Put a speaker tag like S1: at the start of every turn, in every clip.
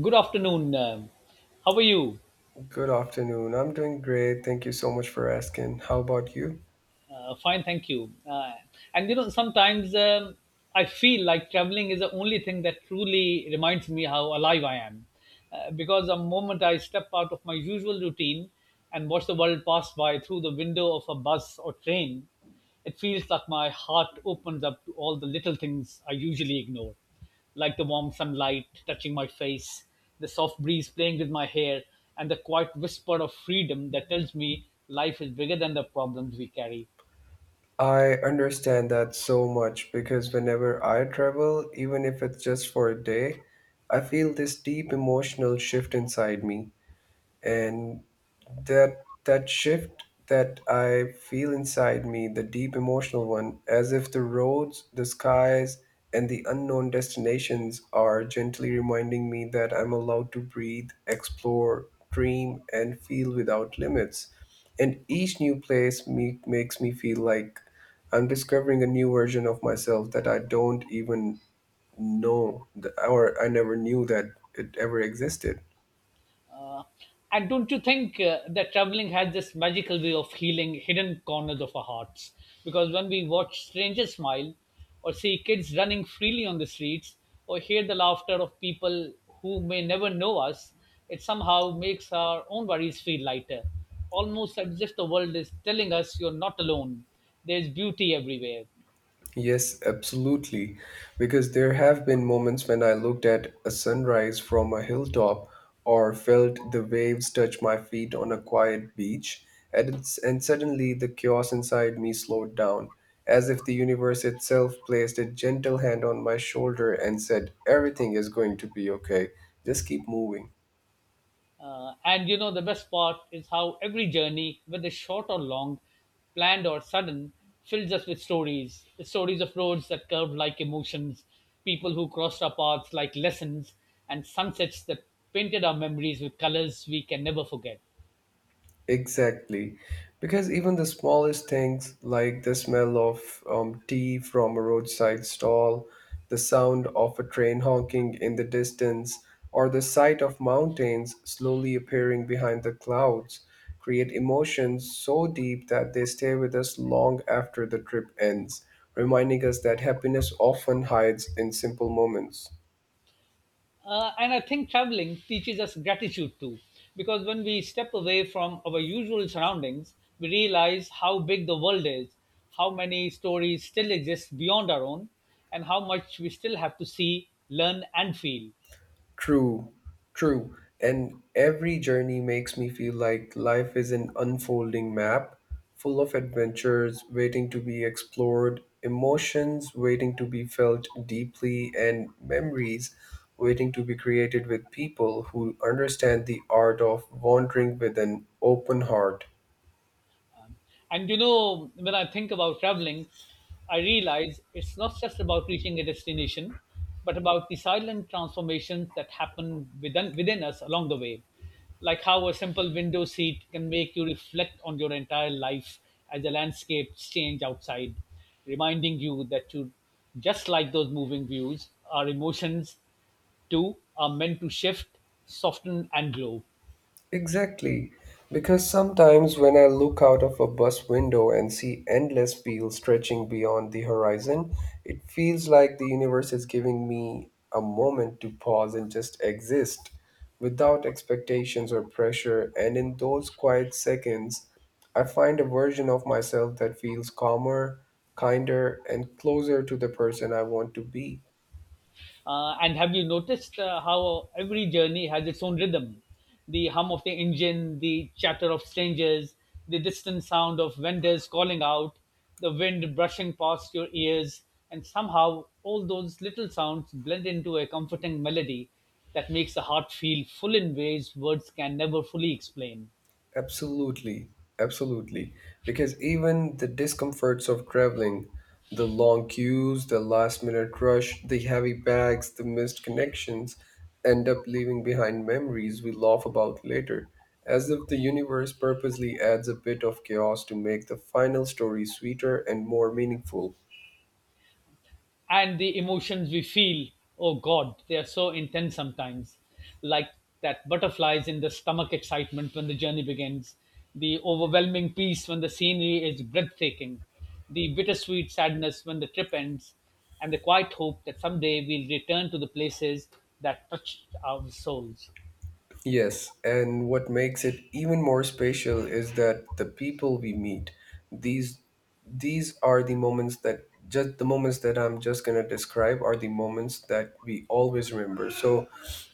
S1: Good afternoon. How are you?
S2: Good afternoon. I'm doing great. Thank you so much for asking. How about you?
S1: Fine, thank you. Sometimes I feel like traveling is the only thing that truly reminds me how alive I am. Because the moment I step out of my usual routine and watch the world pass by through the window of a bus or train, it feels like my heart opens up to all the little things I usually ignore, like the warm sunlight touching my face, the soft breeze playing with my hair, and the quiet whisper of freedom that tells me life is bigger than the problems we carry.
S2: I understand that so much because whenever I travel, even if it's just for a day, I feel this deep emotional shift inside me. And that shift that I feel inside me, the deep emotional one, as if the roads, the skies, and the unknown destinations are gently reminding me that I'm allowed to breathe, explore, dream, and feel without limits. And each new place makes me feel like I'm discovering a new version of myself that I don't even know, or I never knew that it ever existed.
S1: And don't you think that traveling has this magical way of healing hidden corners of our hearts? Because when we watch strangers smile, or see kids running freely on the streets, or hear the laughter of people who may never know us, it somehow makes our own worries feel lighter. Almost as if the world is telling us you're not alone. There's beauty everywhere.
S2: Yes, absolutely. Because there have been moments when I looked at a sunrise from a hilltop or felt the waves touch my feet on a quiet beach, and, and suddenly the chaos inside me slowed down, as if the universe itself placed a gentle hand on my shoulder and said, everything is going to be okay, just keep moving.
S1: And the best part is how every journey, whether short or long, planned or sudden, fills us with stories of roads that curved like emotions, people who crossed our paths like lessons, and sunsets that painted our memories with colors we can never forget.
S2: Exactly. Because even the smallest things, like the smell of tea from a roadside stall, the sound of a train honking in the distance, or the sight of mountains slowly appearing behind the clouds, create emotions so deep that they stay with us long after the trip ends, reminding us that happiness often hides in simple moments.
S1: And I think traveling teaches us gratitude too, because when we step away from our usual surroundings, we realize how big the world is, how many stories still exist beyond our own, and how much we still have to see, learn, and feel.
S2: True, true. And every journey makes me feel like life is an unfolding map full of adventures waiting to be explored, emotions waiting to be felt deeply, and memories waiting to be created with people who understand the art of wandering with an open heart.
S1: And you know, when I think about traveling, I realize it's not just about reaching a destination, but about the silent transformations that happen within us along the way. Like how a simple window seat can make you reflect on your entire life as the landscapes change outside, reminding you that you, just like those moving views, our emotions too are meant to shift, soften, and grow.
S2: Exactly. Because sometimes when I look out of a bus window and see endless fields stretching beyond the horizon, it feels like the universe is giving me a moment to pause and just exist without expectations or pressure. And in those quiet seconds, I find a version of myself that feels calmer, kinder, and closer to the person I want to be.
S1: And have you noticed how every journey has its own rhythm? The hum of the engine, the chatter of strangers, the distant sound of vendors calling out, the wind brushing past your ears, and somehow all those little sounds blend into a comforting melody that makes the heart feel full in ways words can never fully explain.
S2: Absolutely, absolutely. Because even the discomforts of traveling, the long queues, the last minute rush, the heavy bags, the missed connections end up leaving behind memories we laugh about later, as if the universe purposely adds a bit of chaos to make the final story sweeter and more meaningful.
S1: And the emotions we feel, oh god, they are so intense sometimes, like that butterflies in the stomach excitement when the journey begins, the overwhelming peace when the scenery is breathtaking, the bittersweet sadness when the trip ends, and the quiet hope that someday we'll return to the places that touched our souls.
S2: Yes, and what makes it even more special is that the people we meet, these these are the moments that I'm just gonna describe are the moments that we always remember. So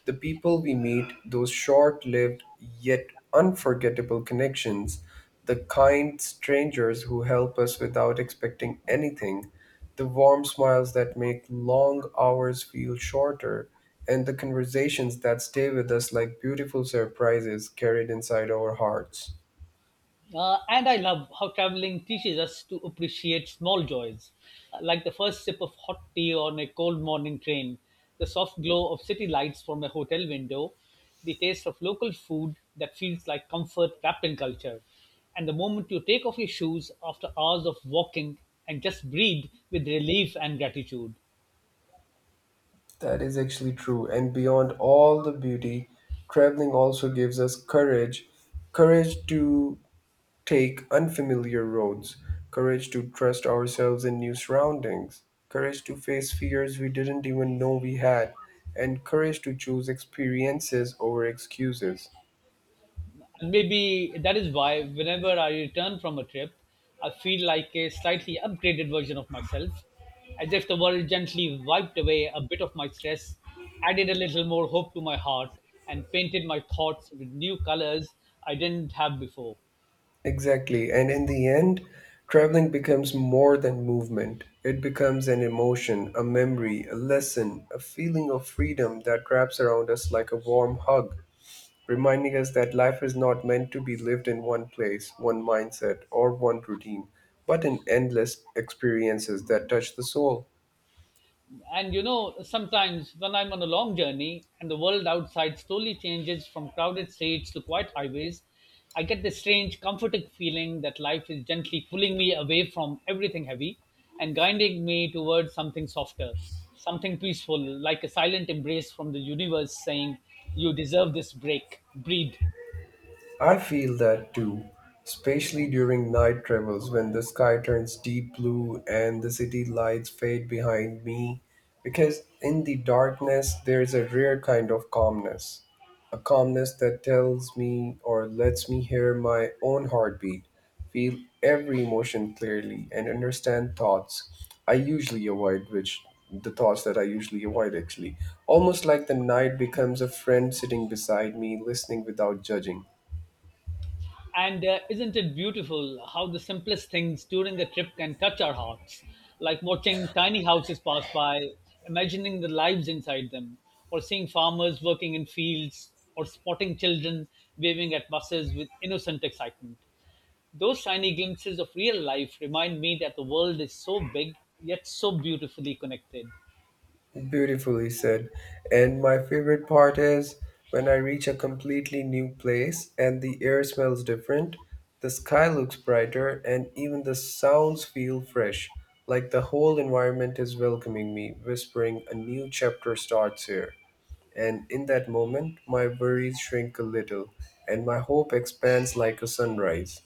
S2: the people we meet, those short-lived yet unforgettable connections, the kind strangers who help us without expecting anything, the warm smiles that make long hours feel shorter, and the conversations that stay with us like beautiful surprises carried inside our hearts.
S1: And I love how traveling teaches us to appreciate small joys, like the first sip of hot tea on a cold morning train, the soft glow of city lights from a hotel window, the taste of local food that feels like comfort wrapped in culture, and the moment you take off your shoes after hours of walking and just breathe with relief and gratitude.
S2: That is actually true. And beyond all the beauty, traveling also gives us courage, courage to take unfamiliar roads, courage to trust ourselves in new surroundings, courage to face fears we didn't even know we had, and courage to choose experiences over excuses.
S1: And maybe that is why whenever I return from a trip, I feel like a slightly upgraded version of myself, as if the world gently wiped away a bit of my stress, added a little more hope to my heart, and painted my thoughts with new colors I didn't have before.
S2: Exactly. And in the end, traveling becomes more than movement. It becomes an emotion, a memory, a lesson, a feeling of freedom that wraps around us like a warm hug, reminding us that life is not meant to be lived in one place, one mindset, or one routine, but in endless experiences that touch the soul.
S1: And you know, sometimes when I'm on a long journey and the world outside slowly changes from crowded streets to quiet highways, I get this strange comforting feeling that life is gently pulling me away from everything heavy and guiding me towards something softer, something peaceful, like a silent embrace from the universe saying you deserve this break, breathe.
S2: I feel that too, especially during night travels when the sky turns deep blue and the city lights fade behind me, because in the darkness there is a rare kind of calmness. A calmness that tells me or lets me hear my own heartbeat, feel every emotion clearly, and understand thoughts I usually avoid, which the thoughts that I usually avoid actually. Almost like the night becomes a friend sitting beside me, listening without judging.
S1: And isn't it beautiful how the simplest things during a trip can touch our hearts? Like watching tiny houses pass by, imagining the lives inside them, or seeing farmers working in fields, or spotting children waving at buses with innocent excitement. Those tiny glimpses of real life remind me that the world is so big, yet so beautifully connected.
S2: Beautifully said. And my favorite part is when I reach a completely new place and the air smells different, the sky looks brighter, and even the sounds feel fresh, like the whole environment is welcoming me, whispering, a new chapter starts here. And in that moment, my worries shrink a little, and my hope expands like a sunrise.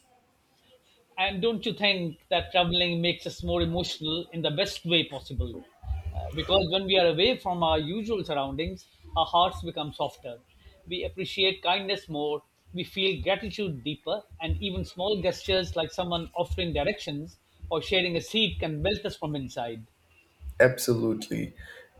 S1: And don't you think that traveling makes us more emotional in the best way possible? Because when we are away from our usual surroundings, our hearts become softer. We appreciate kindness more, we feel gratitude deeper, and even small gestures like someone offering directions or sharing a seat can melt us from inside.
S2: Absolutely.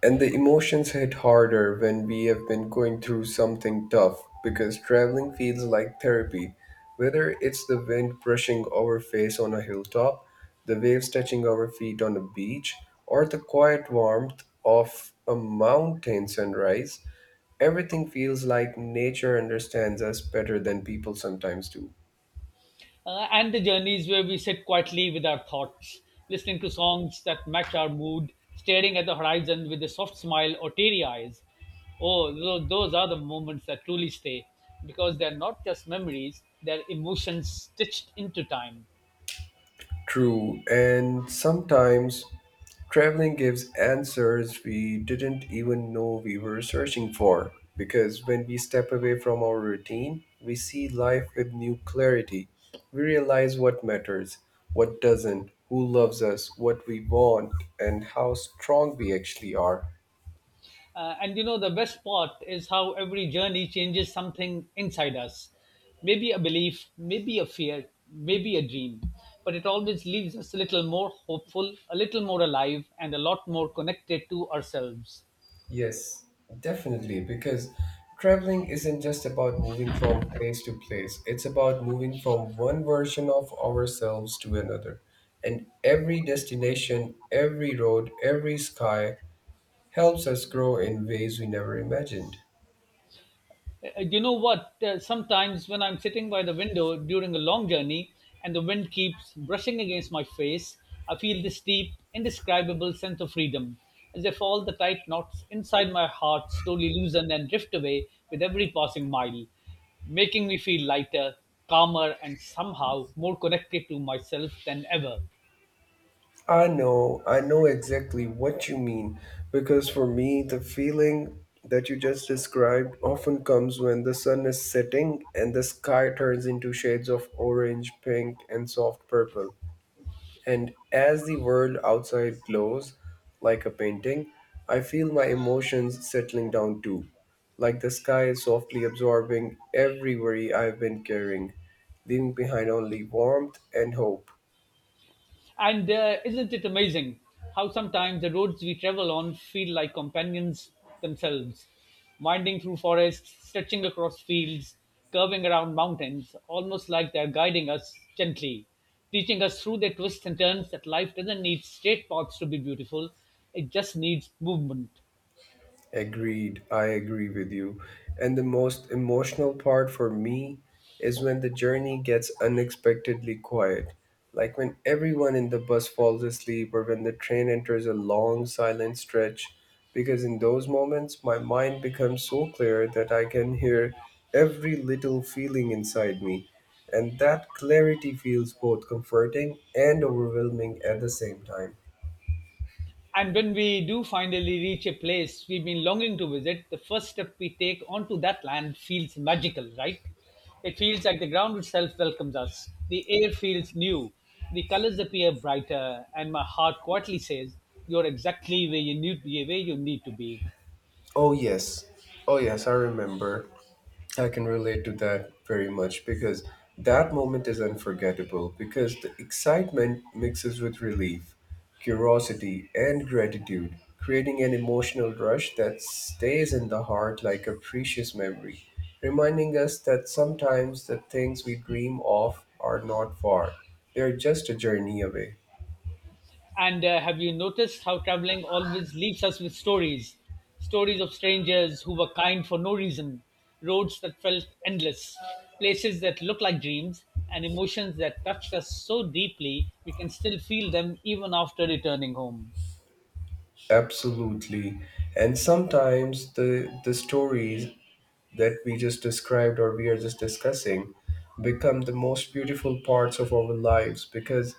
S2: And the emotions hit harder when we have been going through something tough because traveling feels like therapy. Whether it's the wind brushing our face on a hilltop, the waves touching our feet on a beach, or the quiet warmth of a mountain sunrise, everything feels like nature understands us better than people sometimes do.
S1: And the journeys where we sit quietly with our thoughts, listening to songs that match our mood, staring at the horizon with a soft smile or teary eyes. Oh, those are the moments that truly stay because they're not just memories, they're emotions stitched into time.
S2: True, and sometimes traveling gives answers we didn't even know we were searching for. Because when we step away from our routine, we see life with new clarity. We realize what matters, what doesn't, who loves us, what we want, and how strong we actually are.
S1: And the best part is how every journey changes something inside us. Maybe a belief, maybe a fear, maybe a dream. But it always leaves us a little more hopeful, a little more alive, and a lot more connected to ourselves.
S2: Yes, definitely, because traveling isn't just about moving from place to place, it's about moving from one version of ourselves to another. And every destination, every road, every sky helps us grow in ways we never imagined.
S1: You know what? Sometimes when I'm sitting by the window during a long journey and the wind keeps brushing against my face, I feel this deep, indescribable sense of freedom, as if all the tight knots inside my heart slowly loosen and drift away with every passing mile, making me feel lighter, calmer, and somehow more connected to myself than ever.
S2: I know exactly what you mean, because for me, the feeling that you just described often comes when the sun is setting and the sky turns into shades of orange, pink, and soft purple. And as the world outside glows like a painting, I feel my emotions settling down too, like the sky is softly absorbing every worry I've been carrying, leaving behind only warmth and hope.
S1: And isn't it amazing how sometimes the roads we travel on feel like companions themselves, winding through forests, stretching across fields, curving around mountains, almost like they're guiding us gently, teaching us through their twists and turns that life doesn't need straight paths to be beautiful, it just needs movement.
S2: Agreed. I agree with you. And the most emotional part for me is when the journey gets unexpectedly quiet. Like when everyone in the bus falls asleep or when the train enters a long silent stretch. Because in those moments, my mind becomes so clear that I can hear every little feeling inside me. And that clarity feels both comforting and overwhelming at the same time.
S1: And when we do finally reach a place we've been longing to visit, the first step we take onto that land feels magical, right? It feels like the ground itself welcomes us. The air feels new. The colors appear brighter, and my heart quietly says, "You're exactly where you need to be."
S2: Oh, yes. Oh, yes, I remember. I can relate to that very much because that moment is unforgettable because the excitement mixes with relief, curiosity, and gratitude, creating an emotional rush that stays in the heart like a precious memory, reminding us that sometimes the things we dream of are not far, they're just a journey away.
S1: And have you noticed how traveling always leaves us with stories? Stories of strangers who were kind for no reason, roads that felt endless, places that look like dreams, and emotions that touched us so deeply we can still feel them even after returning home.
S2: Absolutely. And sometimes the stories that we just described or we are just discussing become the most beautiful parts of our lives because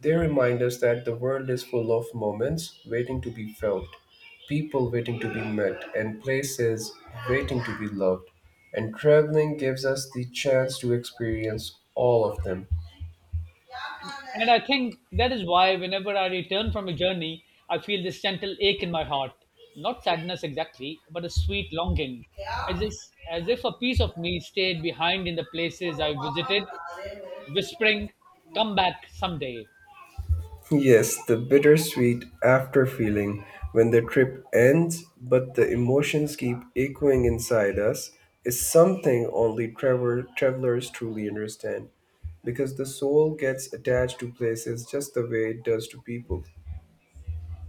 S2: they remind us that the world is full of moments waiting to be felt, people waiting to be met, and places waiting to be loved. And traveling gives us the chance to experience all of them.
S1: And I think that is why whenever I return from a journey, I feel this gentle ache in my heart. Not sadness exactly, but a sweet longing. As if, as if a piece of me stayed behind in the places I visited whispering, "Come back someday."
S2: Yes, the bittersweet after feeling when the trip ends, but the emotions keep echoing inside us, is something only travelers truly understand, because the soul gets attached to places just the way it does to people.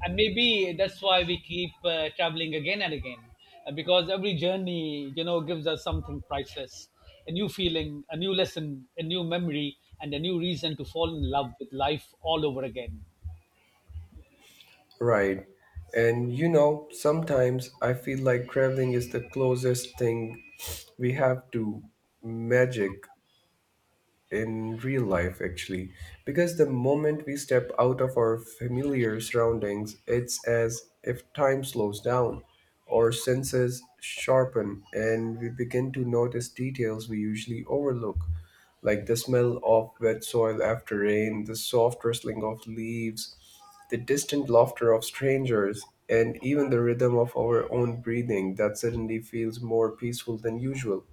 S1: And maybe that's why we keep traveling again and again, because every journey, you know, gives us something priceless, a new feeling, a new lesson, a new memory, and a new reason to fall in love with life all over again.
S2: Right. And you know, sometimes I feel like traveling is the closest thing we have to magic in real life actually, because the moment we step out of our familiar surroundings, it's as if time slows down, our senses sharpen, and we begin to notice details we usually overlook, like the smell of wet soil after rain, the soft rustling of leaves, the distant laughter of strangers, and even the rhythm of our own breathing that suddenly feels more peaceful than usual.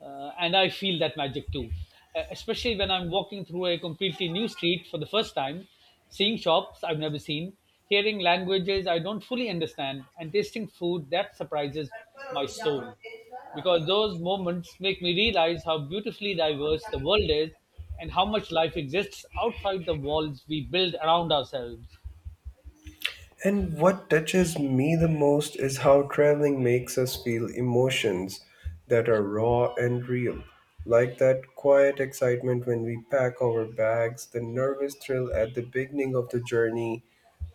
S1: And I feel that magic too, especially when I'm walking through a completely new street for the first time, seeing shops I've never seen, hearing languages I don't fully understand, and tasting food that surprises my soul. Because those moments make me realize how beautifully diverse the world is and how much life exists outside the walls we build around ourselves.
S2: And what touches me the most is how traveling makes us feel emotions that are raw and real, like that quiet excitement when we pack our bags, the nervous thrill at the beginning of the journey,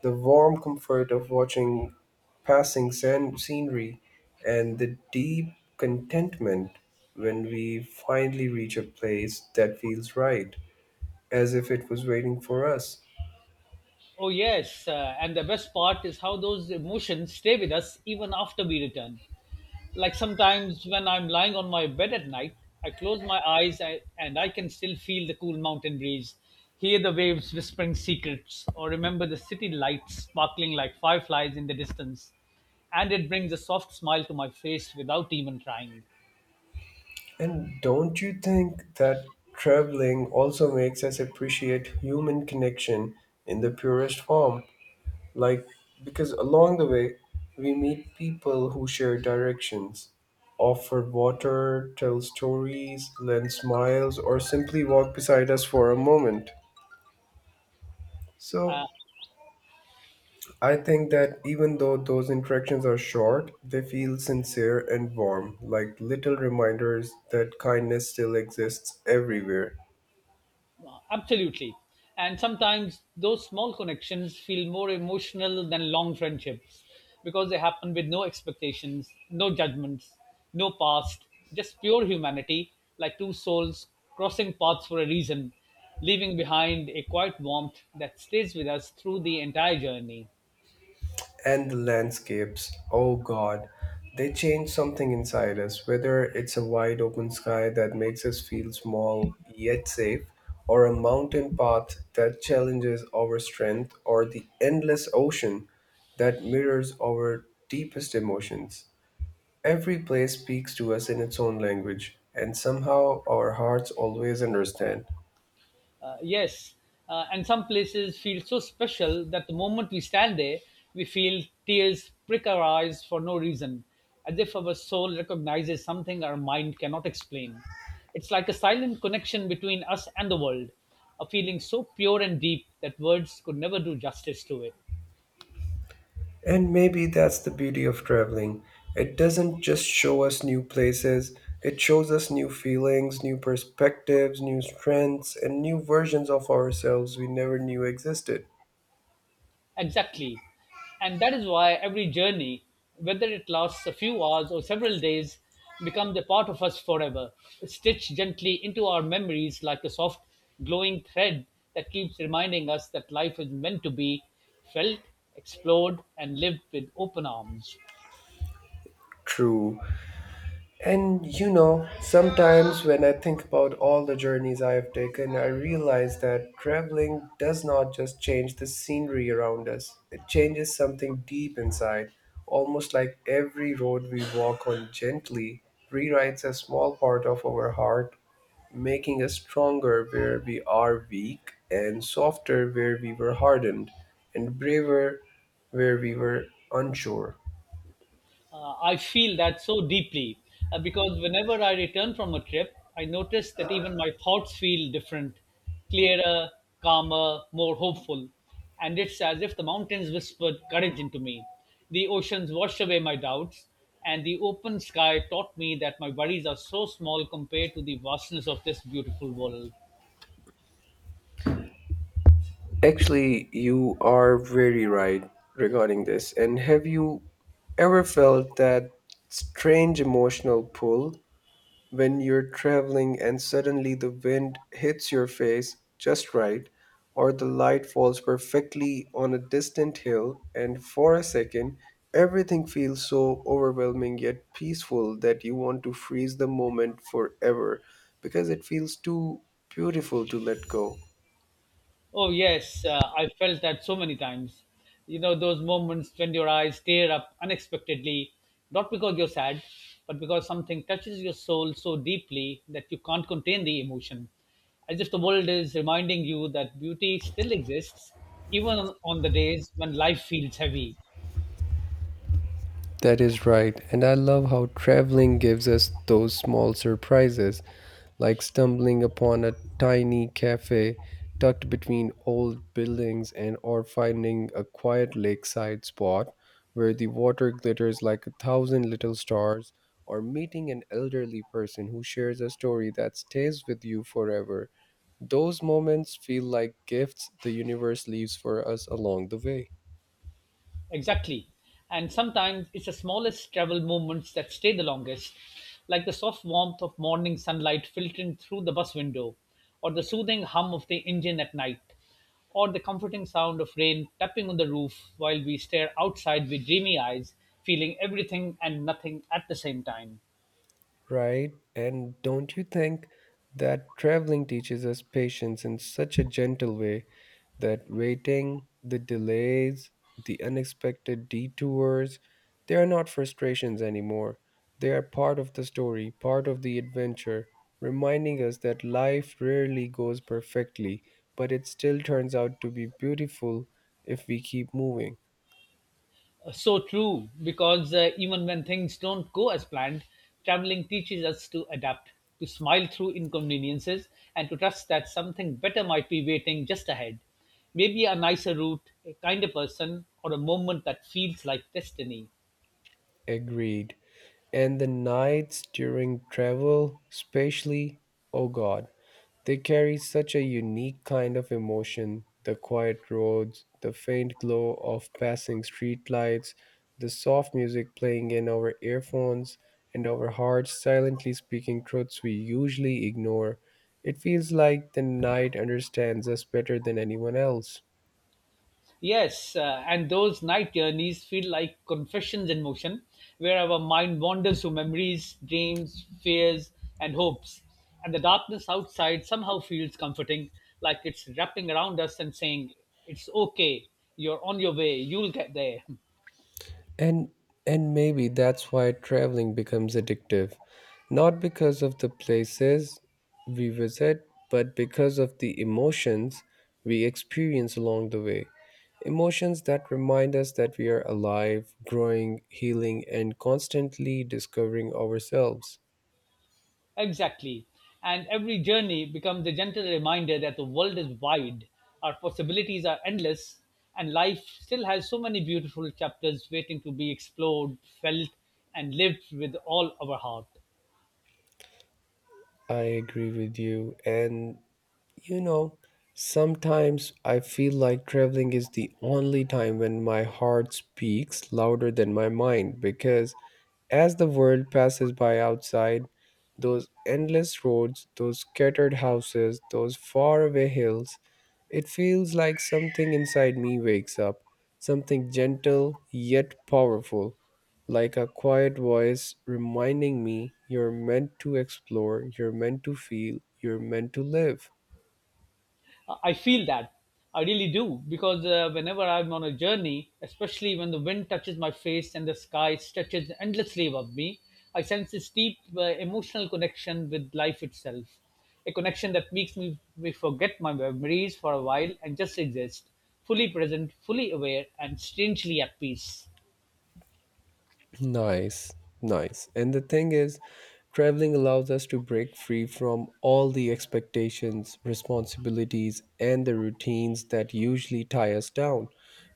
S2: the warm comfort of watching passing scenery, and the deep contentment when we finally reach a place that feels right, as if it was waiting for us.
S1: Oh, yes, and the best part is how those emotions stay with us even after we return. Like sometimes when I'm lying on my bed at night, I close my eyes and I can still feel the cool mountain breeze, hear the waves whispering secrets, or remember the city lights sparkling like fireflies in the distance. And it brings a soft smile to my face without even trying.
S2: And don't you think that traveling also makes us appreciate human connection in the purest form? Like, because along the way, we meet people who share directions, offer water, tell stories, lend smiles, or simply walk beside us for a moment. So, I think that even though those interactions are short, they feel sincere and warm, like little reminders that kindness still exists everywhere.
S1: Absolutely. And sometimes those small connections feel more emotional than long friendships because they happen with no expectations, no judgments, no past, just pure humanity, like two souls crossing paths for a reason, leaving behind a quiet warmth that stays with us through the entire journey.
S2: And the landscapes. Oh God, they change something inside us, whether it's a wide open sky that makes us feel small yet safe, or a mountain path that challenges our strength, or the endless ocean that mirrors our deepest emotions. Every place speaks to us in its own language, and somehow our hearts always understand.
S1: Yes, and some places feel so special that the moment we stand there, we feel tears prick our eyes for no reason, as if our soul recognizes something our mind cannot explain. It's like a silent connection between us and the world, a feeling so pure and deep that words could never do justice to it.
S2: And maybe that's the beauty of traveling. It doesn't just show us new places, it shows us new feelings, new perspectives, new strengths, and new versions of ourselves we never knew existed.
S1: Exactly. And that is why every journey, whether it lasts a few hours or several days, becomes a part of us forever, stitched gently into our memories like a soft, glowing thread that keeps reminding us that life is meant to be felt, explored, and lived with open arms.
S2: True. And you know, sometimes when I think about all the journeys I have taken, I realize that traveling does not just change the scenery around us, it changes something deep inside, almost like every road we walk on gently rewrites a small part of our heart, making us stronger where we are weak, and softer where we were hardened, and braver where we were unsure.
S1: I feel that so deeply because whenever I return from a trip, I notice that even my thoughts feel different, clearer, calmer, more hopeful. And it's as if the mountains whispered courage into me. The oceans washed away my doubts, and the open sky taught me that my worries are so small compared to the vastness of this beautiful world.
S2: Actually, you are very right regarding this. And have you ever felt that strange emotional pull when you're traveling and suddenly the wind hits your face just right, or the light falls perfectly on a distant hill, and for a second, everything feels so overwhelming yet peaceful that you want to freeze the moment forever because it feels too beautiful to let go?
S1: Oh, yes, I felt that so many times. You know, those moments when your eyes tear up unexpectedly, not because you're sad, but because something touches your soul so deeply that you can't contain the emotion. As if the world is reminding you that beauty still exists, even on the days when life feels heavy.
S2: That is right, and I love how traveling gives us those small surprises, like stumbling upon a tiny cafe tucked between old buildings and or finding a quiet lakeside spot where the water glitters like a thousand little stars or meeting an elderly person who shares a story that stays with you forever. Those moments feel like gifts the universe leaves for us along the way.
S1: Exactly. And sometimes it's the smallest travel moments that stay the longest, like the soft warmth of morning sunlight filtering through the bus window, or the soothing hum of the engine at night, or the comforting sound of rain tapping on the roof while we stare outside with dreamy eyes, feeling everything and nothing at the same time.
S2: Right? And don't you think that traveling teaches us patience in such a gentle way that waiting, the delays, the unexpected detours, they are not frustrations anymore. They are part of the story, part of the adventure, reminding us that life rarely goes perfectly, but it still turns out to be beautiful if we keep moving.
S1: So true, because even when things don't go as planned, traveling teaches us to adapt, to smile through inconveniences, and to trust that something better might be waiting just ahead. Maybe a nicer route, a kinder person, or a moment that feels like destiny.
S2: Agreed. And the nights during travel, especially, oh God, they carry such a unique kind of emotion. The quiet roads, the faint glow of passing streetlights, the soft music playing in our earphones, and our hearts silently speaking truths we usually ignore. It feels like the night understands us better than anyone else.
S1: Yes, and those night journeys feel like confessions in motion, where our mind wanders through memories, dreams, fears, and hopes. And the darkness outside somehow feels comforting, like it's wrapping around us and saying, it's okay, you're on your way, you'll get there.
S2: And and maybe that's why traveling becomes addictive, not because of the places we visit, but because of the emotions we experience along the way. Emotions that remind us that we are alive, growing, healing, and constantly discovering ourselves.
S1: Exactly. And every journey becomes a gentle reminder that the world is wide, our possibilities are endless, and life still has so many beautiful chapters waiting to be explored, felt, and lived with all our heart.
S2: I agree with you. And you know, sometimes I feel like traveling is the only time when my heart speaks louder than my mind because as the world passes by outside, those endless roads, those scattered houses, those faraway hills, it feels like something inside me wakes up, something gentle yet powerful, like a quiet voice reminding me you're meant to explore, you're meant to feel, you're meant to live.
S1: I feel that. I really do because whenever I'm on a journey, especially when the wind touches my face and the sky stretches endlessly above me, I sense this deep emotional connection with life itself. A connection that makes me forget my memories for a while and just exist, fully present, fully aware, and strangely at peace.
S2: Nice, nice. And the thing is, traveling allows us to break free from all the expectations, responsibilities, and the routines that usually tie us down.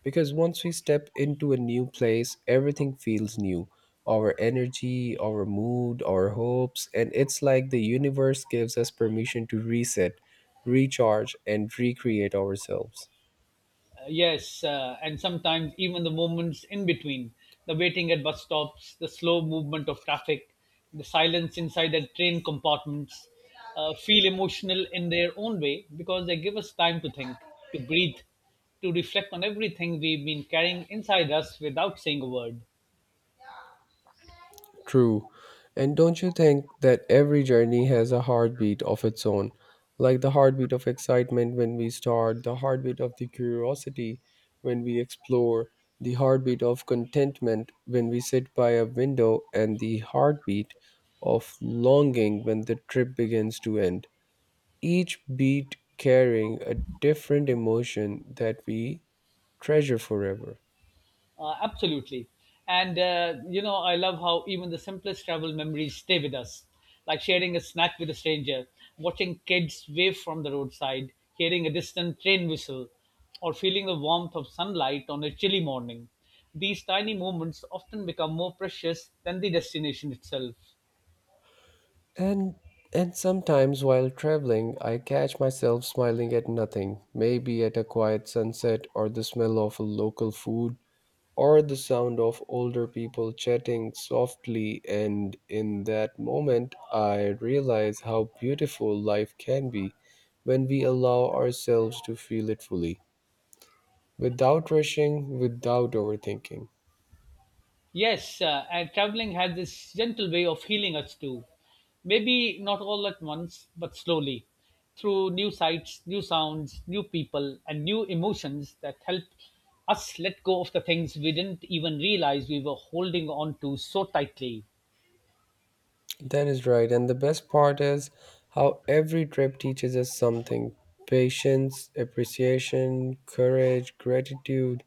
S2: Because once we step into a new place, everything feels new, our energy, our mood, our hopes, and it's like the universe gives us permission to reset, recharge, and recreate ourselves.
S1: Yes, and sometimes even the moments in between, the waiting at bus stops, the slow movement of traffic, the silence inside the train compartments, feel emotional in their own way because they give us time to think, to breathe, to reflect on everything we've been carrying inside us without saying a word.
S2: True. And don't you think that every journey has a heartbeat of its own? Like the heartbeat of excitement when we start, the heartbeat of the curiosity when we explore, the heartbeat of contentment when we sit by a window, and the heartbeat of longing when the trip begins to end. Each beat carrying a different emotion that we treasure forever.
S1: Absolutely. And, you know, I love how even the simplest travel memories stay with us, like sharing a snack with a stranger, watching kids wave from the roadside, hearing a distant train whistle, or feeling the warmth of sunlight on a chilly morning. These tiny moments often become more precious than the destination itself.
S2: And and sometimes while traveling, I catch myself smiling at nothing, maybe at a quiet sunset or the smell of local food or the sound of older people chatting softly, and in that moment I realize how beautiful life can be when we allow ourselves to feel it fully without rushing, without overthinking.
S1: Yes, and traveling has this gentle way of healing us too. Maybe not all at once, but slowly, through new sights, new sounds, new people, and new emotions that help us let go of the things we didn't even realize we were holding on to so tightly.
S2: That is right. And the best part is how every trip teaches us something, patience, appreciation, courage, gratitude,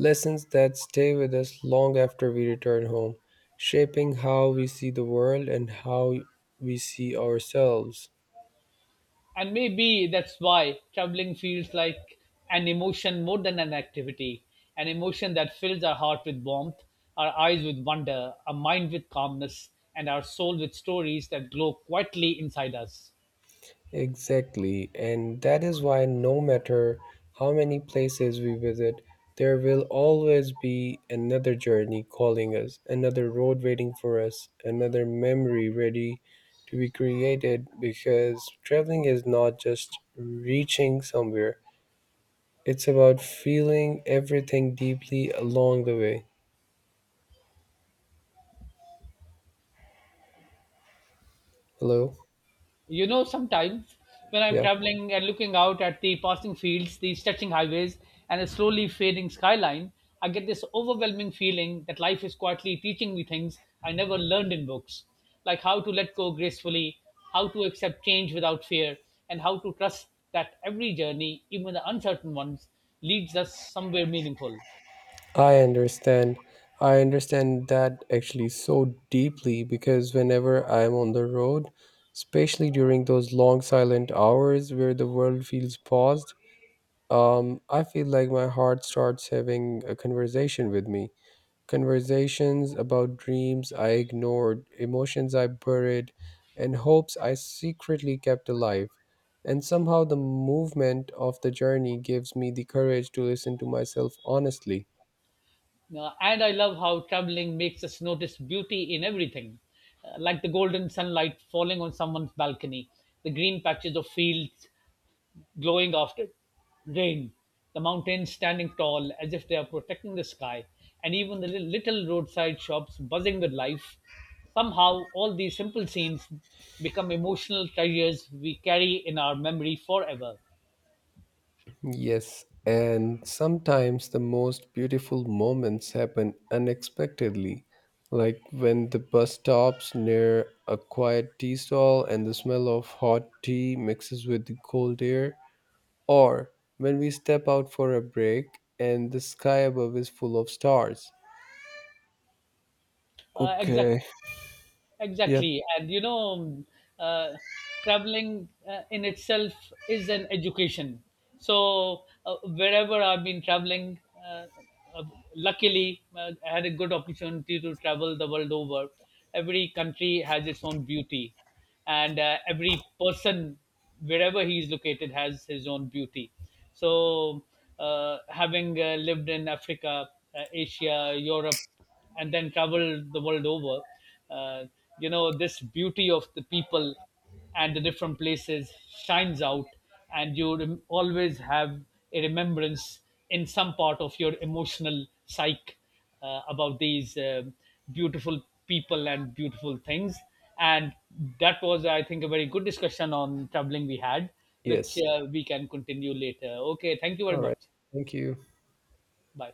S2: lessons that stay with us long after we return home, shaping how we see the world and how we see ourselves.
S1: And maybe that's why traveling feels like an emotion more than an activity, an emotion that fills our heart with warmth, our eyes with wonder, our mind with calmness, and our soul with stories that glow quietly inside us.
S2: Exactly, and that is why no matter how many places we visit, there will always be another journey calling us, another road waiting for us, another memory ready to be created because traveling is not just reaching somewhere, it's about feeling everything deeply along the way. Hello?
S1: You know, sometimes when I'm
S2: Yeah.
S1: traveling and looking out at the passing fields, the stretching highways, and the slowly fading skyline, I get this overwhelming feeling that life is quietly teaching me things I never learned in books, like how to let go gracefully, how to accept change without fear, and how to trust that every journey, even the uncertain ones, leads us somewhere meaningful.
S2: I understand. I understand that actually so deeply because whenever I'm on the road, especially during those long silent hours where the world feels paused, I feel like my heart starts having a conversation with me. Conversations about dreams I ignored, emotions I buried, and hopes I secretly kept alive. And somehow the movement of the journey gives me the courage to listen to myself honestly.
S1: And I love how traveling makes us notice beauty in everything, like the golden sunlight falling on someone's balcony, the green patches of fields glowing after rain, the mountains standing tall as if they are protecting the sky, and even the little roadside shops buzzing with life. Somehow, all these simple scenes become emotional treasures we carry in our memory forever.
S2: Yes, and sometimes the most beautiful moments happen unexpectedly, like when the bus stops near a quiet tea stall and the smell of hot tea mixes with the cold air, or when we step out for a break and the sky above is full of stars.
S1: Uh, exact,
S2: Okay. Yep.
S1: Exactly, and you know, uh, traveling in itself is an education. So wherever I've been traveling, uh, uh, luckily I had a good opportunity to travel the world over. Every country has its own beauty, and every person, wherever he is located, has his own beauty. So, having lived in Africa, Asia, Europe, and then traveled the world over. Uh, you know, this beauty of the people and the different places shines out, and you always have a remembrance in some part of your emotional psyche about these beautiful people and beautiful things. And that was, I think, a very good discussion on traveling we had, which
S2: Yes.
S1: we can continue later. Okay, thank you very
S2: All
S1: much.
S2: right. Thank you.
S1: Bye.